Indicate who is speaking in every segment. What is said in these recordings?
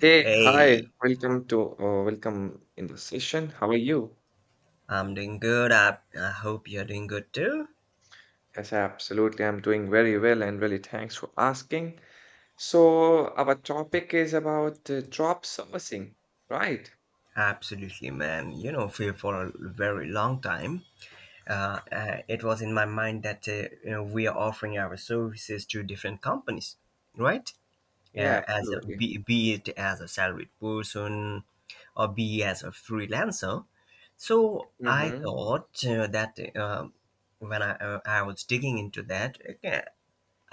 Speaker 1: Hey, hi,
Speaker 2: Hey,
Speaker 1: welcome in the session. How are you?
Speaker 2: I'm doing good. I hope you're doing good too.
Speaker 1: Yes, absolutely. I'm doing very well and really thanks for asking. So, our topic is about drop servicing, right?
Speaker 2: Absolutely, man. You know, for a very long time, it was in my mind that you know we are offering our services to different companies, right?
Speaker 1: Yeah,
Speaker 2: Yeah, as a,
Speaker 1: absolutely.
Speaker 2: be, be it as a salaried person or be as a freelancer. So I
Speaker 1: Mm-hmm.
Speaker 2: thought that when I was digging into that, okay,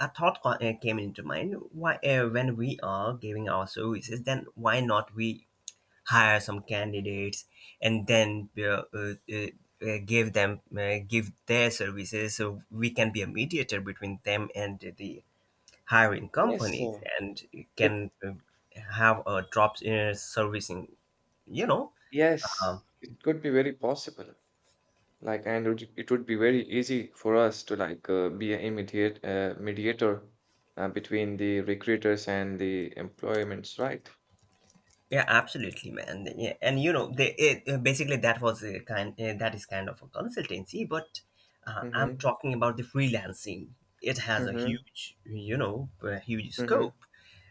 Speaker 2: a thought came into mind why when we are giving our services then why not we hire some candidates and then give their services so we can be a mediator between them and the hiring
Speaker 1: Yes,
Speaker 2: companies
Speaker 1: sir.
Speaker 2: and
Speaker 1: It
Speaker 2: can have a drops in servicing you know
Speaker 1: Yes,
Speaker 2: um,
Speaker 1: it could be very possible. Like, and it would be very easy for us to like be a mediator between the recruiters and the employments, right?
Speaker 2: Yeah, absolutely, man. Yeah, and you know, they it, basically that was a kind that is kind of a consultancy, but I'm
Speaker 1: Mm-hmm.
Speaker 2: talking about the freelancing. It has a
Speaker 1: Mm-hmm.
Speaker 2: huge, you know, a huge
Speaker 1: Mm-hmm.
Speaker 2: scope,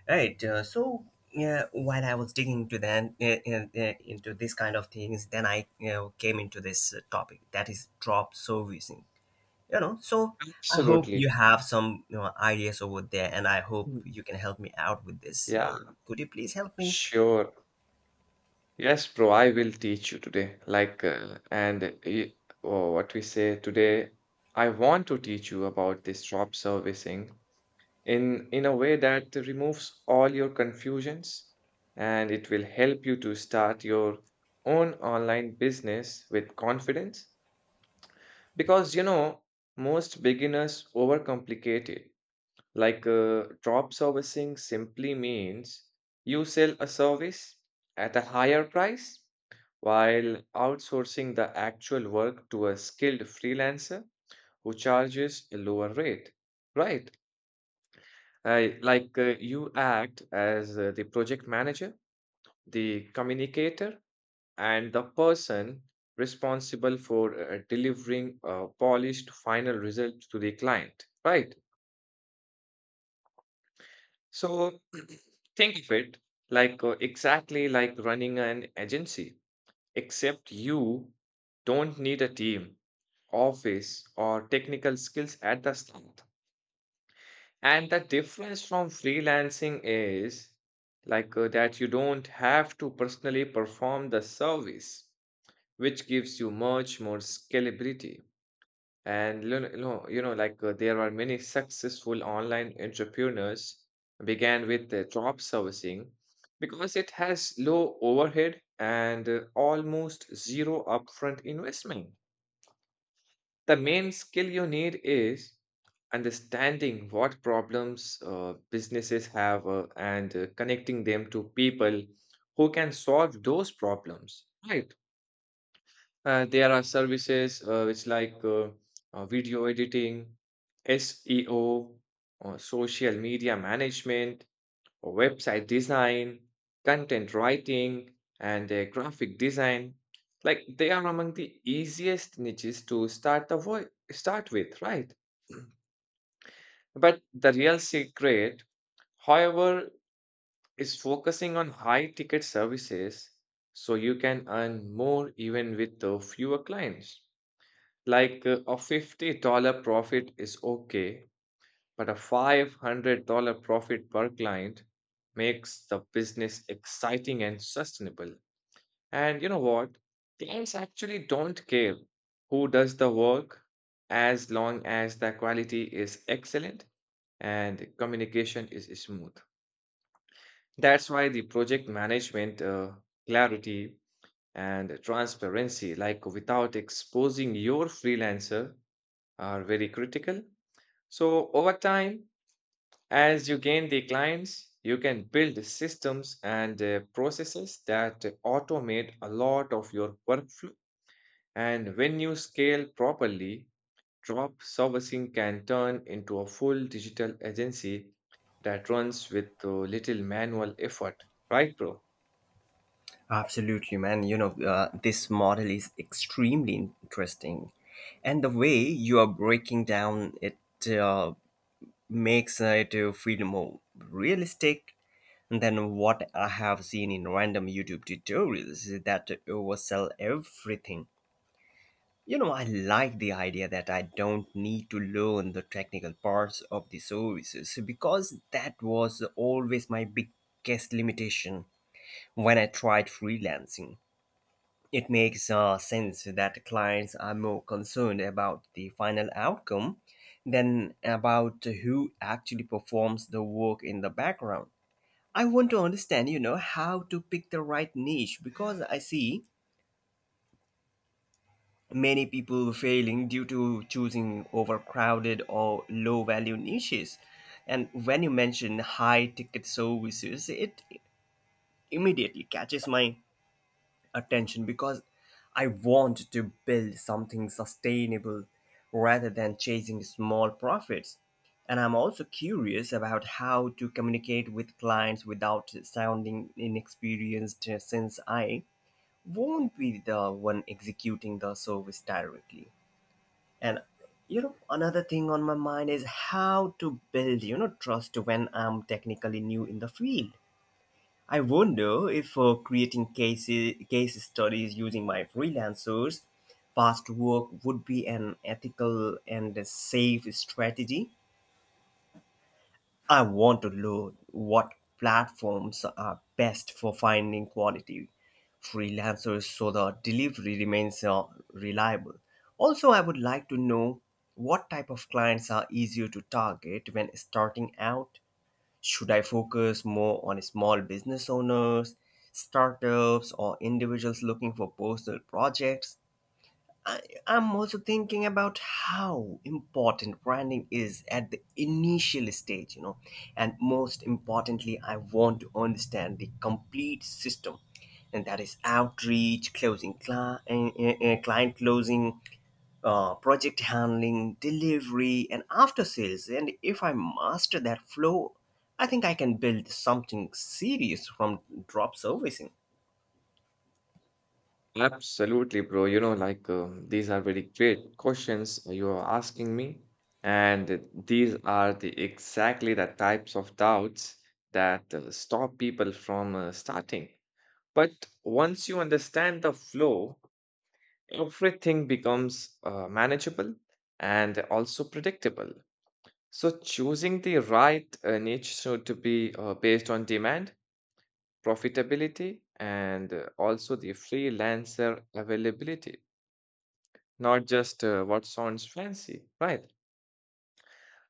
Speaker 2: right? So yeah, while I was digging into that into this kind of things, then I came into this topic that is drop servicing. So I hope you
Speaker 1: Absolutely.
Speaker 2: have some ideas over there, and I hope
Speaker 1: Mm.
Speaker 2: you can help me out with this.
Speaker 1: Yeah,
Speaker 2: So could you please help me?
Speaker 1: sure. Yes, bro, I will teach you today. What we say today, I want to teach you about this drop servicing in a way that removes all your confusions, and it will help you to start your own online business with confidence. Because you know, most beginners overcomplicate it. Drop servicing simply means you sell a service at a higher price while outsourcing the actual work to a skilled freelancer who charges a lower rate, right? I, like You act as the project manager, the communicator, and the person responsible for delivering a polished final result to the client, right? So think of it exactly like running an agency, except you don't need a team, office, or technical skills at the start. And the difference from freelancing is that you don't have to personally perform the service, which gives you much more scalability. And lo- no, you know, there are many successful online entrepreneurs began with the job servicing because it has low overhead and almost zero upfront investment. The main skill you need is understanding what problems businesses have and connecting them to people who can solve those problems. Right. There are services which like video editing, SEO, social media management, or website design, content writing, and graphic design. Like they are among the easiest niches to start with, right? But the real secret, however, is focusing on high ticket services so you can earn more even with the fewer clients. A $50 profit is okay, but a $500 profit per client makes the business exciting and sustainable. And you know what? Clients actually don't care who does the work as long as the quality is excellent and communication is smooth. That's why the project management clarity and transparency, like without exposing your freelancer, are very critical. So, over time, as you gain the clients, you can build systems and processes that automate a lot of your workflow. And when you scale properly, drop servicing can turn into a full digital agency that runs with little manual effort. Right, bro?
Speaker 2: Absolutely, man. This model is extremely interesting. And the way you are breaking down it uh, makes it feel more realistic than what I have seen in random YouTube tutorials that oversell everything. I like the idea that I don't need to learn the technical parts of the services because that was always my biggest limitation when I tried freelancing. It makes sense that clients are more concerned about the final outcome than about who actually performs the work in the background. I want to understand, how to pick the right niche because I see many people failing due to choosing overcrowded or low value niches. And when you mention high ticket services, it immediately catches my attention because I want to build something sustainable rather than chasing small profits. And I'm also curious about how to communicate with clients without sounding inexperienced since I won't be the one executing the service directly. And another thing on my mind is how to build, trust when I'm technically new in the field. I wonder if creating case studies using my freelancers past work would be an ethical and a safe strategy. I want to learn what platforms are best for finding quality freelancers so the delivery remains reliable. Also, I would like to know what type of clients are easier to target when starting out. Should I focus more on small business owners, startups, or individuals looking for personal projects? I, I'm also thinking about how important branding is at the initial stage, and most importantly, I want to understand the complete system, and that is outreach, closing cli- eh, eh, eh, client closing, project handling, delivery, and after sales. And if I master that flow, I think I can build something serious from drop servicing.
Speaker 1: Absolutely, bro. You know, these are very great questions you are asking me, and these are the exactly the types of doubts that stop people from starting. But once you understand the flow, everything becomes manageable and also predictable. So choosing the right niche should to be based on demand, profitability, and also the freelancer availability. Not just what sounds fancy, right?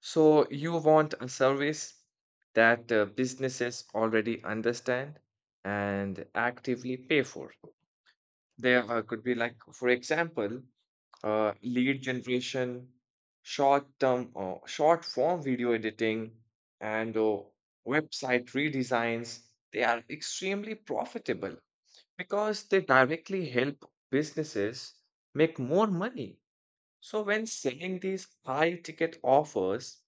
Speaker 1: So you want a service that businesses already understand and actively pay for. There could be, like, for example, lead generation, short-term or short-form video editing, and website redesigns. They are extremely profitable because they directly help businesses make more money, so when selling these high ticket offers,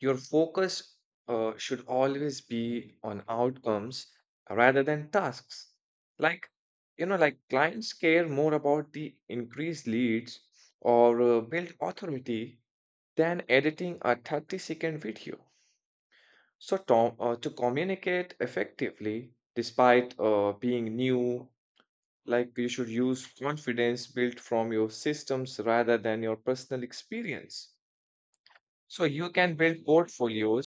Speaker 1: your focus should always be on outcomes rather than tasks. Like, you know, like clients care more about the increased leads or build authority than editing a 30-second video. So to communicate effectively, despite being new, like you should use confidence built from your systems rather than your personal experience. So you can build portfolios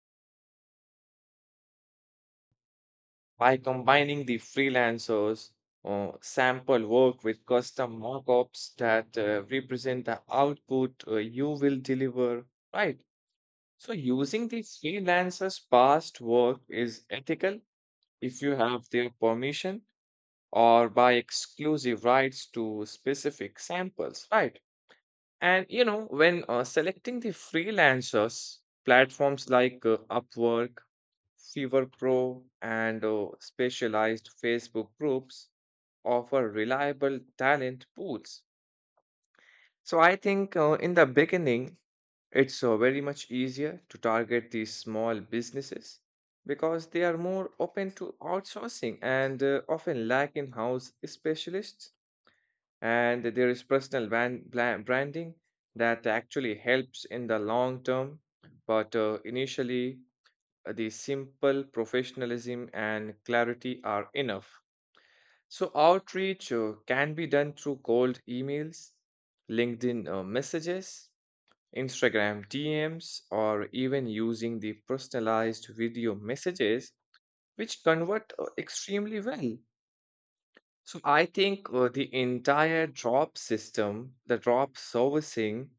Speaker 1: by combining the freelancers or sample work with custom mockups that represent the output you will deliver, right? So using the freelancers' past work is ethical if you have their permission or by exclusive rights to specific samples, right? And you know, when selecting the freelancers, platforms like Upwork, Fever Pro, and specialized Facebook groups offer reliable talent pools. So I think in the beginning, it's very much easier to target these small businesses because they are more open to outsourcing and often lack in house specialists, and there is personal branding that actually helps in the long term, but initially the simple professionalism and clarity are enough. So outreach can be done through cold emails, linkedin messages, instagram dms, or even using the personalized video messages, which convert extremely well. So I think the drop servicing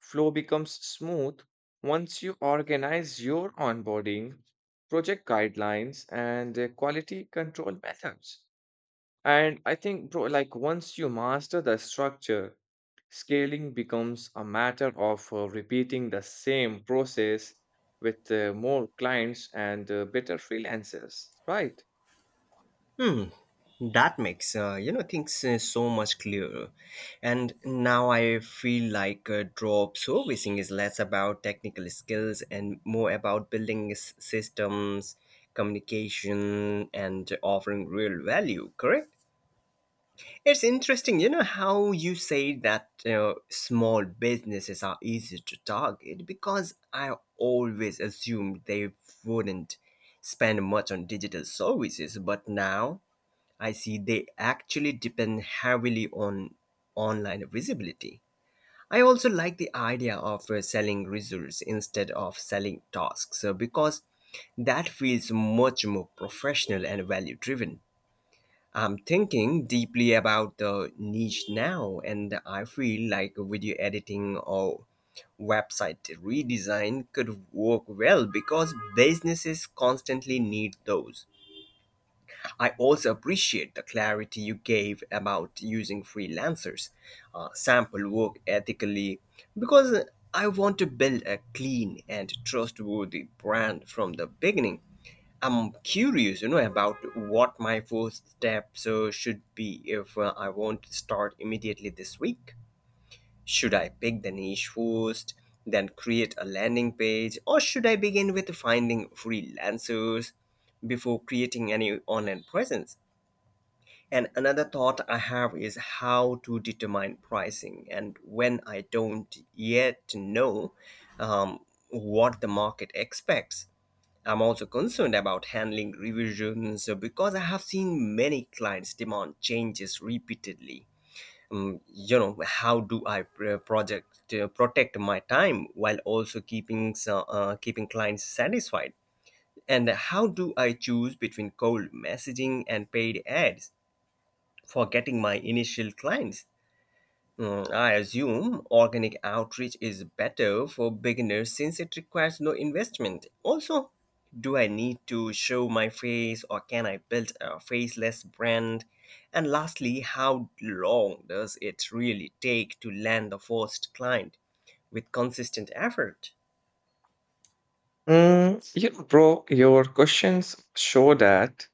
Speaker 1: flow becomes smooth once you organize your onboarding, project guidelines, and quality control methods. And I think, bro, like once you master the structure, scaling becomes a matter of repeating the same process with more clients and better freelancers, right?
Speaker 2: That makes things so much clearer. And now I feel like drop servicing is less about technical skills and more about building systems, communication, and offering real value. Correct. It's interesting, how you say that small businesses are easy to target because I always assumed they wouldn't spend much on digital services, but now I see they actually depend heavily on online visibility. I also like the idea of selling results instead of selling tasks because that feels much more professional and value driven. I'm thinking deeply about the niche now, and I feel like video editing or website redesign could work well because businesses constantly need those. I also appreciate the clarity you gave about using freelancers, sample work ethically, because I want to build a clean and trustworthy brand from the beginning. I'm curious, about what my first steps should be if I want to start immediately this week. Should I pick the niche first, then create a landing page, or should I begin with finding freelancers before creating any online presence? And another thought I have is how to determine pricing and when I don't yet know um, what the market expects. I'm also concerned about handling revisions because I have seen many clients demand changes repeatedly. How do I pr- project protect my time while also keeping keeping clients satisfied? And how do I choose between cold messaging and paid ads for getting my initial clients? I assume organic outreach is better for beginners since it requires no investment. Also, do I need to show my face or can I build a faceless brand? And lastly, how long does it really take to land the first client with consistent effort?
Speaker 1: Mm, you know, bro, your questions show that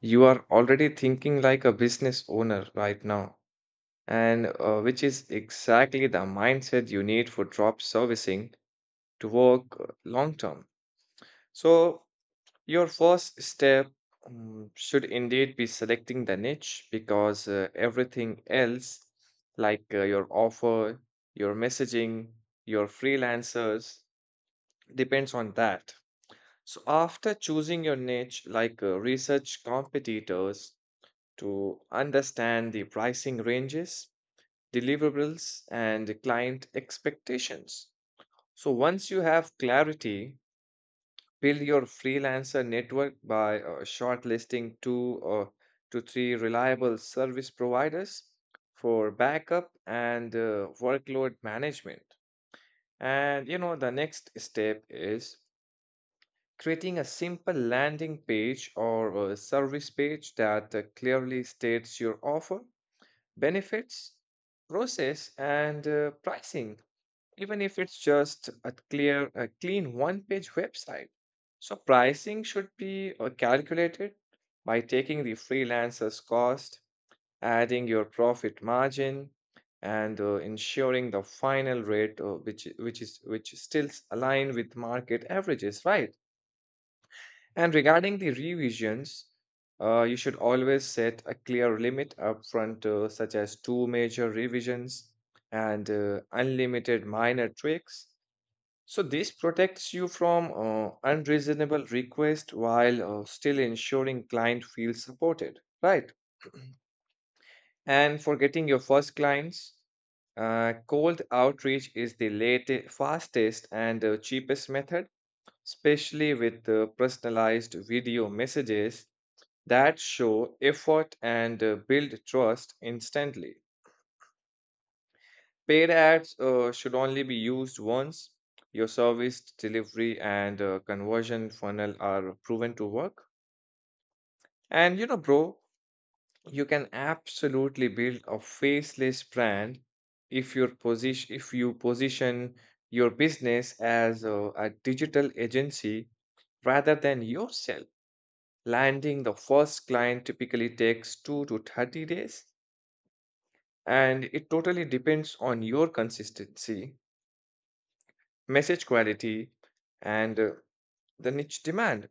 Speaker 1: you are already thinking like a business owner right now, and which is exactly the mindset you need for drop servicing to work long term. So, your first step should indeed be selecting the niche, because everything else, your offer, your messaging, your freelancers, depends on that. So, after choosing your niche, research competitors to understand the pricing ranges, deliverables, and client expectations. So, once you have clarity, build your freelancer network by shortlisting two or to three reliable service providers for backup and workload management. And you know, the next step is creating a simple landing page or a service page that clearly states your offer, benefits, process, and pricing, even if it's just a clean one page website. So, pricing should be calculated by taking the freelancer's cost, adding your profit margin, and ensuring the final rate, which still align with market averages, right? And regarding the revisions, you should always set a clear limit upfront, such as two major revisions and unlimited minor tweaks. So this protects you from unreasonable requests while still ensuring client feels supported, right? And for getting your first clients, cold outreach is the latest, fastest, and cheapest method, especially with personalized video messages that show effort and build trust instantly. Paid ads should only be used once your service delivery and conversion funnel are proven to work. And you know, bro, you can absolutely build a faceless brand if your position if you position your business as a digital agency rather than yourself. Landing the first client typically takes 2 to 30 days, and it totally depends on your consistency, message quality, and the niche demand.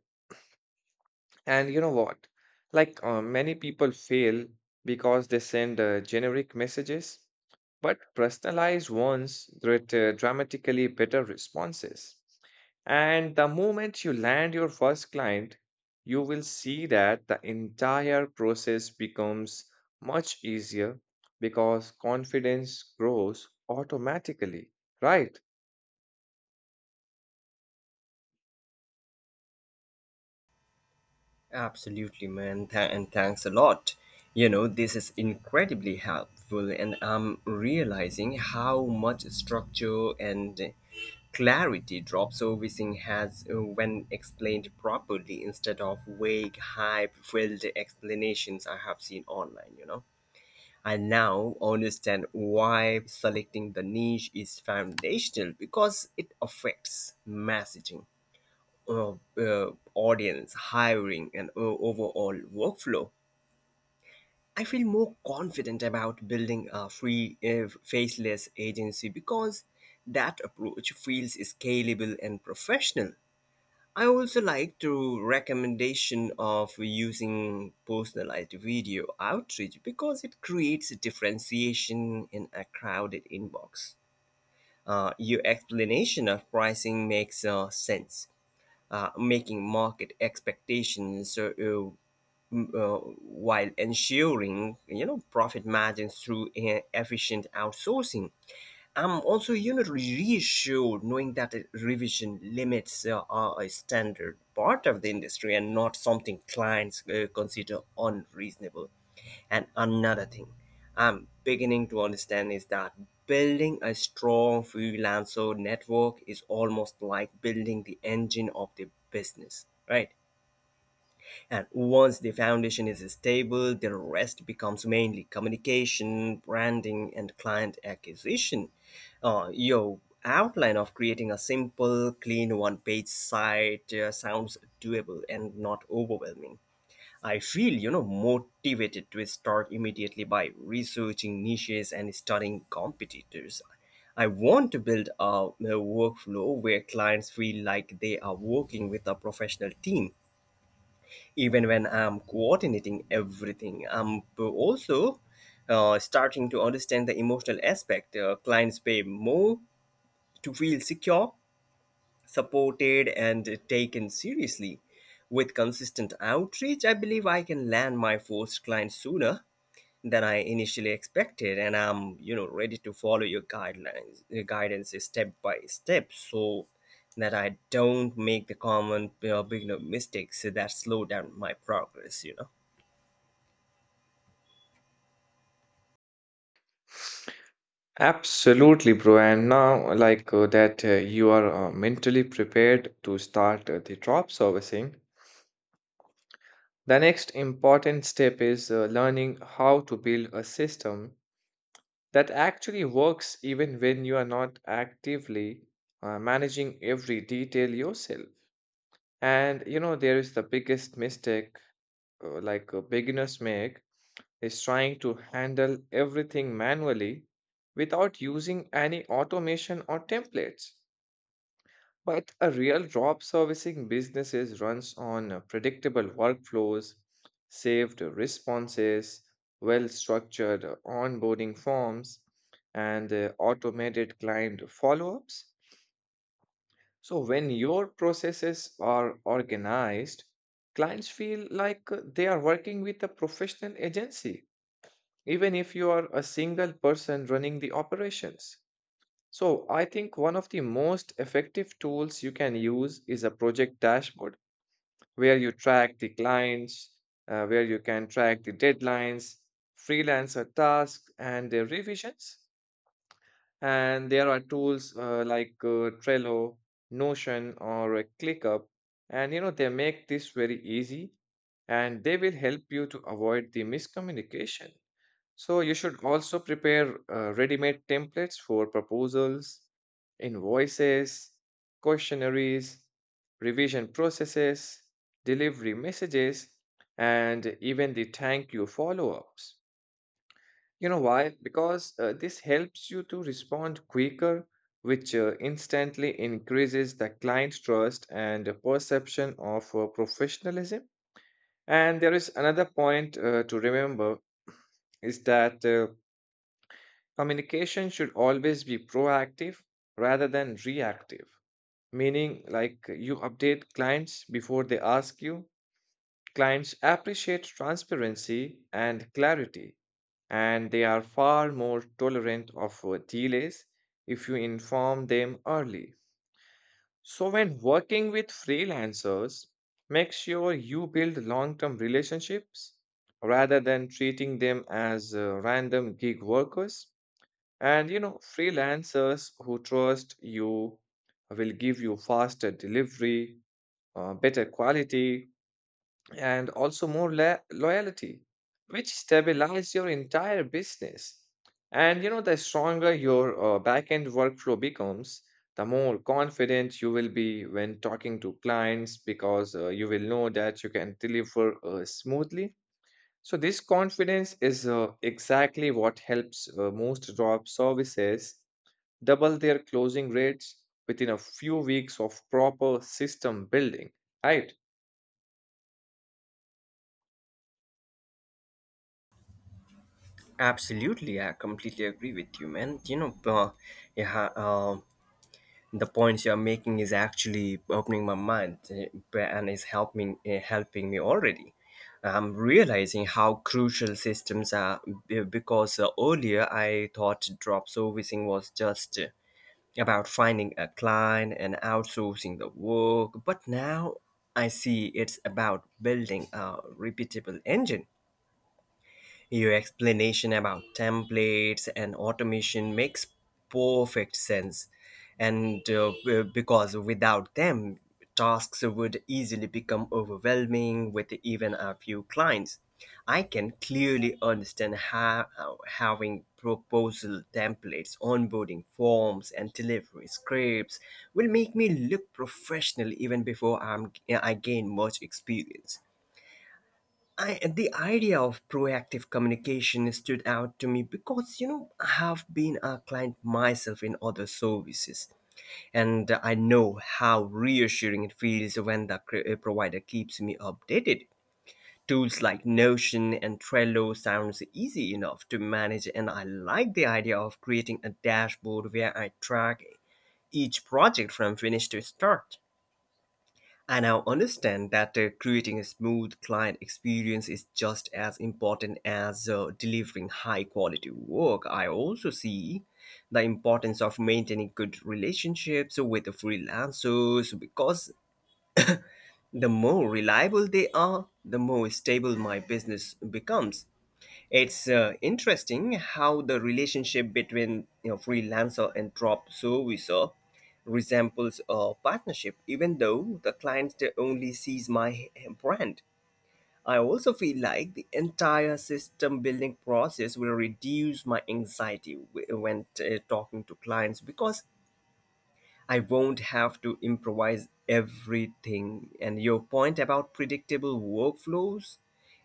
Speaker 1: And you know what? Many people fail because they send generic messages, but personalized ones get dramatically better responses. And the moment you land your first client, you will see that the entire process becomes much easier because confidence grows automatically, right?
Speaker 2: Absolutely, man. And thanks a lot. This is incredibly helpful, and I'm realizing how much structure and clarity drop servicing has, when explained properly instead of vague, hype-filled explanations I have seen online. I now understand why selecting the niche is foundational because it affects messaging, uh, audience, hiring, and overall workflow. I feel more confident about building a faceless agency because that approach feels scalable and professional. I also like to recommendation of using personalized video outreach because it creates a differentiation in a crowded inbox. Your explanation of pricing makes sense, making market expectations m- uh, while ensuring profit margins through efficient outsourcing. I'm also, reassured knowing that a revision limits are a standard part of the industry and not something clients consider unreasonable. And another thing I'm beginning to understand is that building a strong freelancer network is almost like building the engine of the business, right? And once the foundation is stable, the rest becomes mainly communication, branding, and client acquisition. Your outline of creating a simple, clean one page site sounds doable and not overwhelming. I feel, motivated to start immediately by researching niches and studying competitors. I want to build a workflow where clients feel like they are working with a professional team even when I'm coordinating everything. I'm also starting to understand the emotional aspect. Clients pay more to feel secure, supported, and taken seriously. With consistent outreach, I believe I can land my first client sooner than I initially expected, and I'm ready to follow your guidance step by step. So that I don't make the common beginner mistakes that slow down my progress.
Speaker 1: Absolutely, bro. And now, you are mentally prepared to start the drop servicing. The next important step is learning how to build a system that actually works even when you are not actively managing every detail yourself. And you know, there is the biggest mistake beginners make is trying to handle everything manually without using any automation or templates. But a real job servicing businesses runs on predictable workflows, saved responses, well-structured onboarding forms, and automated client follow-ups. So when your processes are organized, clients feel like they are working with a professional agency, even if you are a single person running the operations. So, I think one of the most effective tools you can use is a project dashboard where you track the clients, where you can track the deadlines, freelancer tasks, and their revisions. And there are tools like Trello, Notion, or ClickUp. And you know, they make this very easy, and they will help you to avoid the miscommunication. So you should also prepare ready-made templates for proposals, invoices, questionnaires, revision processes, delivery messages, and even the thank you follow-ups. You know why? Because this helps you to respond quicker, which instantly increases the client's trust and the perception of professionalism. And there is another point to remember is that communication should always be proactive rather than reactive, meaning like you update clients before they ask you. Clients appreciate transparency and clarity, and they are far more tolerant of delays if you inform them early. So, when working with freelancers, make sure you build long term relationships rather than treating them as random gig workers. And freelancers who trust you will give you faster delivery, better quality, and also loyalty, which stabilize your entire business. And you know, the stronger your backend workflow becomes, the more confident you will be when talking to clients because you will know that you can deliver smoothly. So, this confidence is exactly what helps most drop services double their closing rates within a few weeks of proper system building, right?
Speaker 2: Absolutely, I completely agree with you, man. Yeah, the points you're making is actually opening my mind and is helping me already. I'm realizing how crucial systems are because earlier I thought drop servicing was just about finding a client and outsourcing the work, but now I see it's about building a repeatable engine. Your explanation about templates and automation makes perfect sense. And because without them, tasks would easily become overwhelming with even a few clients. I can clearly understand how having proposal templates, onboarding forms, and delivery scripts will make me look professional even before I gain much experience. The idea of proactive communication stood out to me because I have been a client myself in other services, and I know how reassuring it feels when the provider keeps me updated. Tools like Notion and Trello sounds easy enough to manage, and I like the idea of creating a dashboard where I track each project from finish to start. I now understand that creating a smooth client experience is just as important as delivering high quality work. I also see the importance of maintaining good relationships with the freelancers because the more reliable they are, the more stable my business becomes. It's interesting how the relationship between freelancer and drop servicer resembles a partnership, even though the client only sees my brand. I also feel like the entire system building process will reduce my anxiety when talking to clients because I won't have to improvise everything. And your point about predictable workflows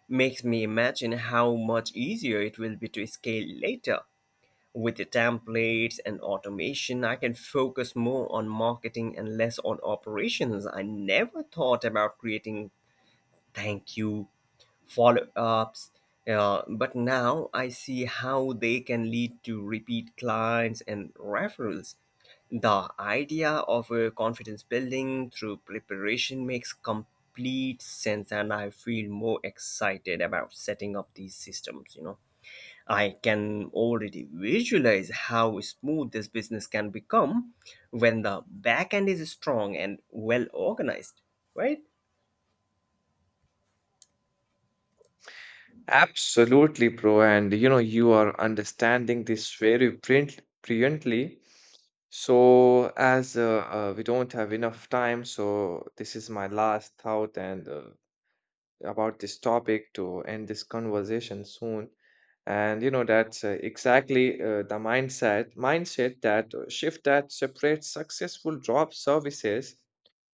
Speaker 2: makes me imagine how much easier it will be to scale later. With the templates and automation, I can focus more on marketing and less on operations. I never thought about creating thank you follow ups, but now I see how they can lead to repeat clients and referrals. The idea of a confidence building through preparation makes complete sense, and I feel more excited about setting up these systems. I can already visualize how smooth this business can become when the back end is strong and well organized, right?
Speaker 1: Absolutely, bro. And you know, you are understanding this brilliantly. So, as we don't have enough time, so this is my last thought and about this topic to end this conversation soon. And you know, that's exactly the mindset that shift that separates successful job services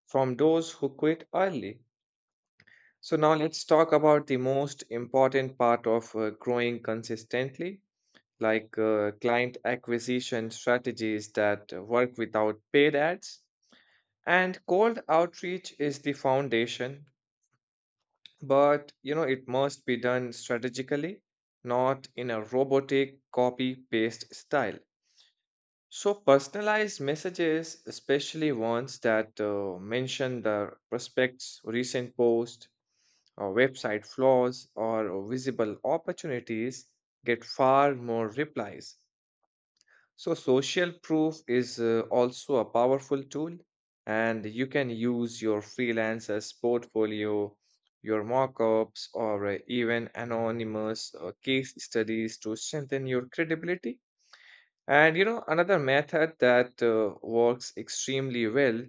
Speaker 1: from those who quit early. So, now let's talk about the most important part of growing consistently, like client acquisition strategies that work without paid ads. And cold outreach is the foundation, but you know, it must be done strategically, not in a robotic copy paste style. So, personalized messages, especially ones that mention the prospect's recent post, or website flaws, or visible opportunities, get far more replies. So, social proof is also a powerful tool, and you can use your freelancer's portfolio, your mockups, or even anonymous case studies to strengthen your credibility. And you know, another method that works extremely well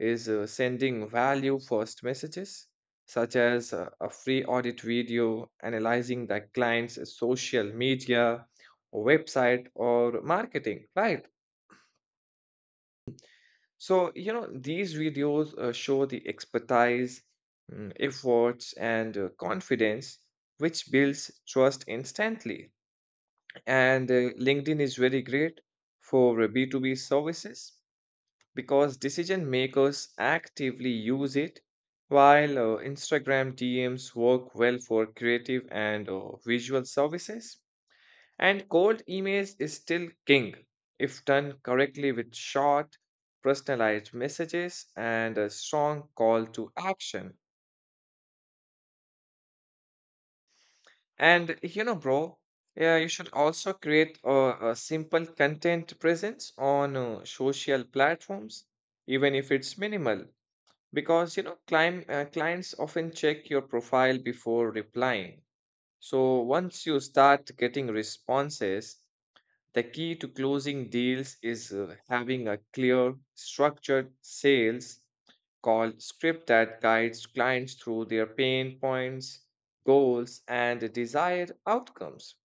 Speaker 1: is sending value first messages, such as a free audit video analyzing the client's social media, website, or marketing, right? So, you know, these videos show the expertise, efforts, and confidence, which builds trust instantly. And LinkedIn is very great for B2B services because decision makers actively use it, while Instagram DMs work well for creative and visual services. And cold emails is still king if done correctly with short, personalized messages and a strong call to action. And you know, bro, yeah, you should also create a simple content presence on social platforms, even if it's minimal. Because you know, clients often check your profile before replying. So once you start getting responses, the key to closing deals is having a clear, structured sales call script that guides clients through their pain points, goals, and desired outcomes.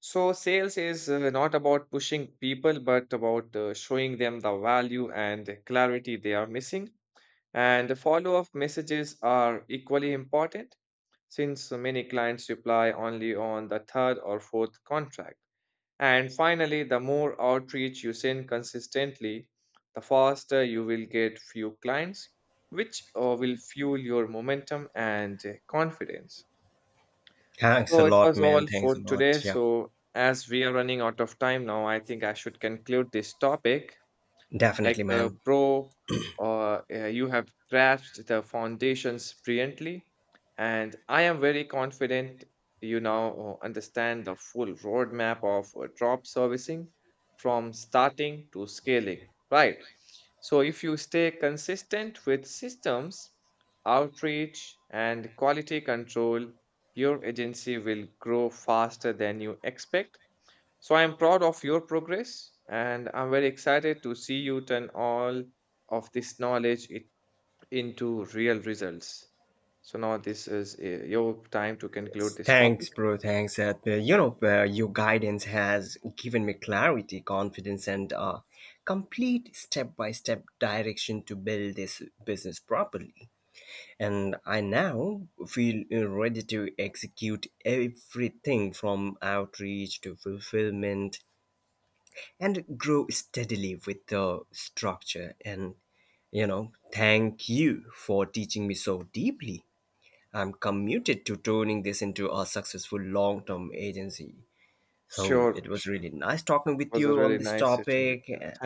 Speaker 1: So sales is not about pushing people, but about showing them the value and clarity they are missing, and the follow up messages are equally important since many clients reply only on the third or fourth contract. And finally, the more outreach you send consistently, the faster you will get few clients, which will fuel your momentum and confidence.
Speaker 2: Thanks a
Speaker 1: So it
Speaker 2: lot,
Speaker 1: was all
Speaker 2: man. Thanks
Speaker 1: for
Speaker 2: a lot.
Speaker 1: today.
Speaker 2: Yeah,
Speaker 1: So as we are running out of time now, I think I should conclude this topic. Like,
Speaker 2: definitely, man.
Speaker 1: bro, you have grasped the foundations brilliantly, and I am very confident you now understand the full roadmap of drop servicing from starting to scaling, right? So, if you stay consistent with systems, outreach, and quality control, your agency will grow faster than you expect, so I'm proud of your progress and I'm very excited to see you turn all of this knowledge into real results. So now this is your time to conclude this topic.
Speaker 2: Thanks, bro. Thanks. Your guidance has given me clarity, confidence, and complete step by step direction to build this business properly. And I now feel ready to execute everything from outreach to fulfillment and grow steadily with the structure. And, thank you for teaching me so deeply. I'm committed to turning this into a successful long term agency. So
Speaker 1: Sure,
Speaker 2: it was
Speaker 1: sure.
Speaker 2: really nice talking
Speaker 1: It
Speaker 2: with
Speaker 1: was a
Speaker 2: you on
Speaker 1: really
Speaker 2: this
Speaker 1: nice session with you.
Speaker 2: topic.
Speaker 1: Thank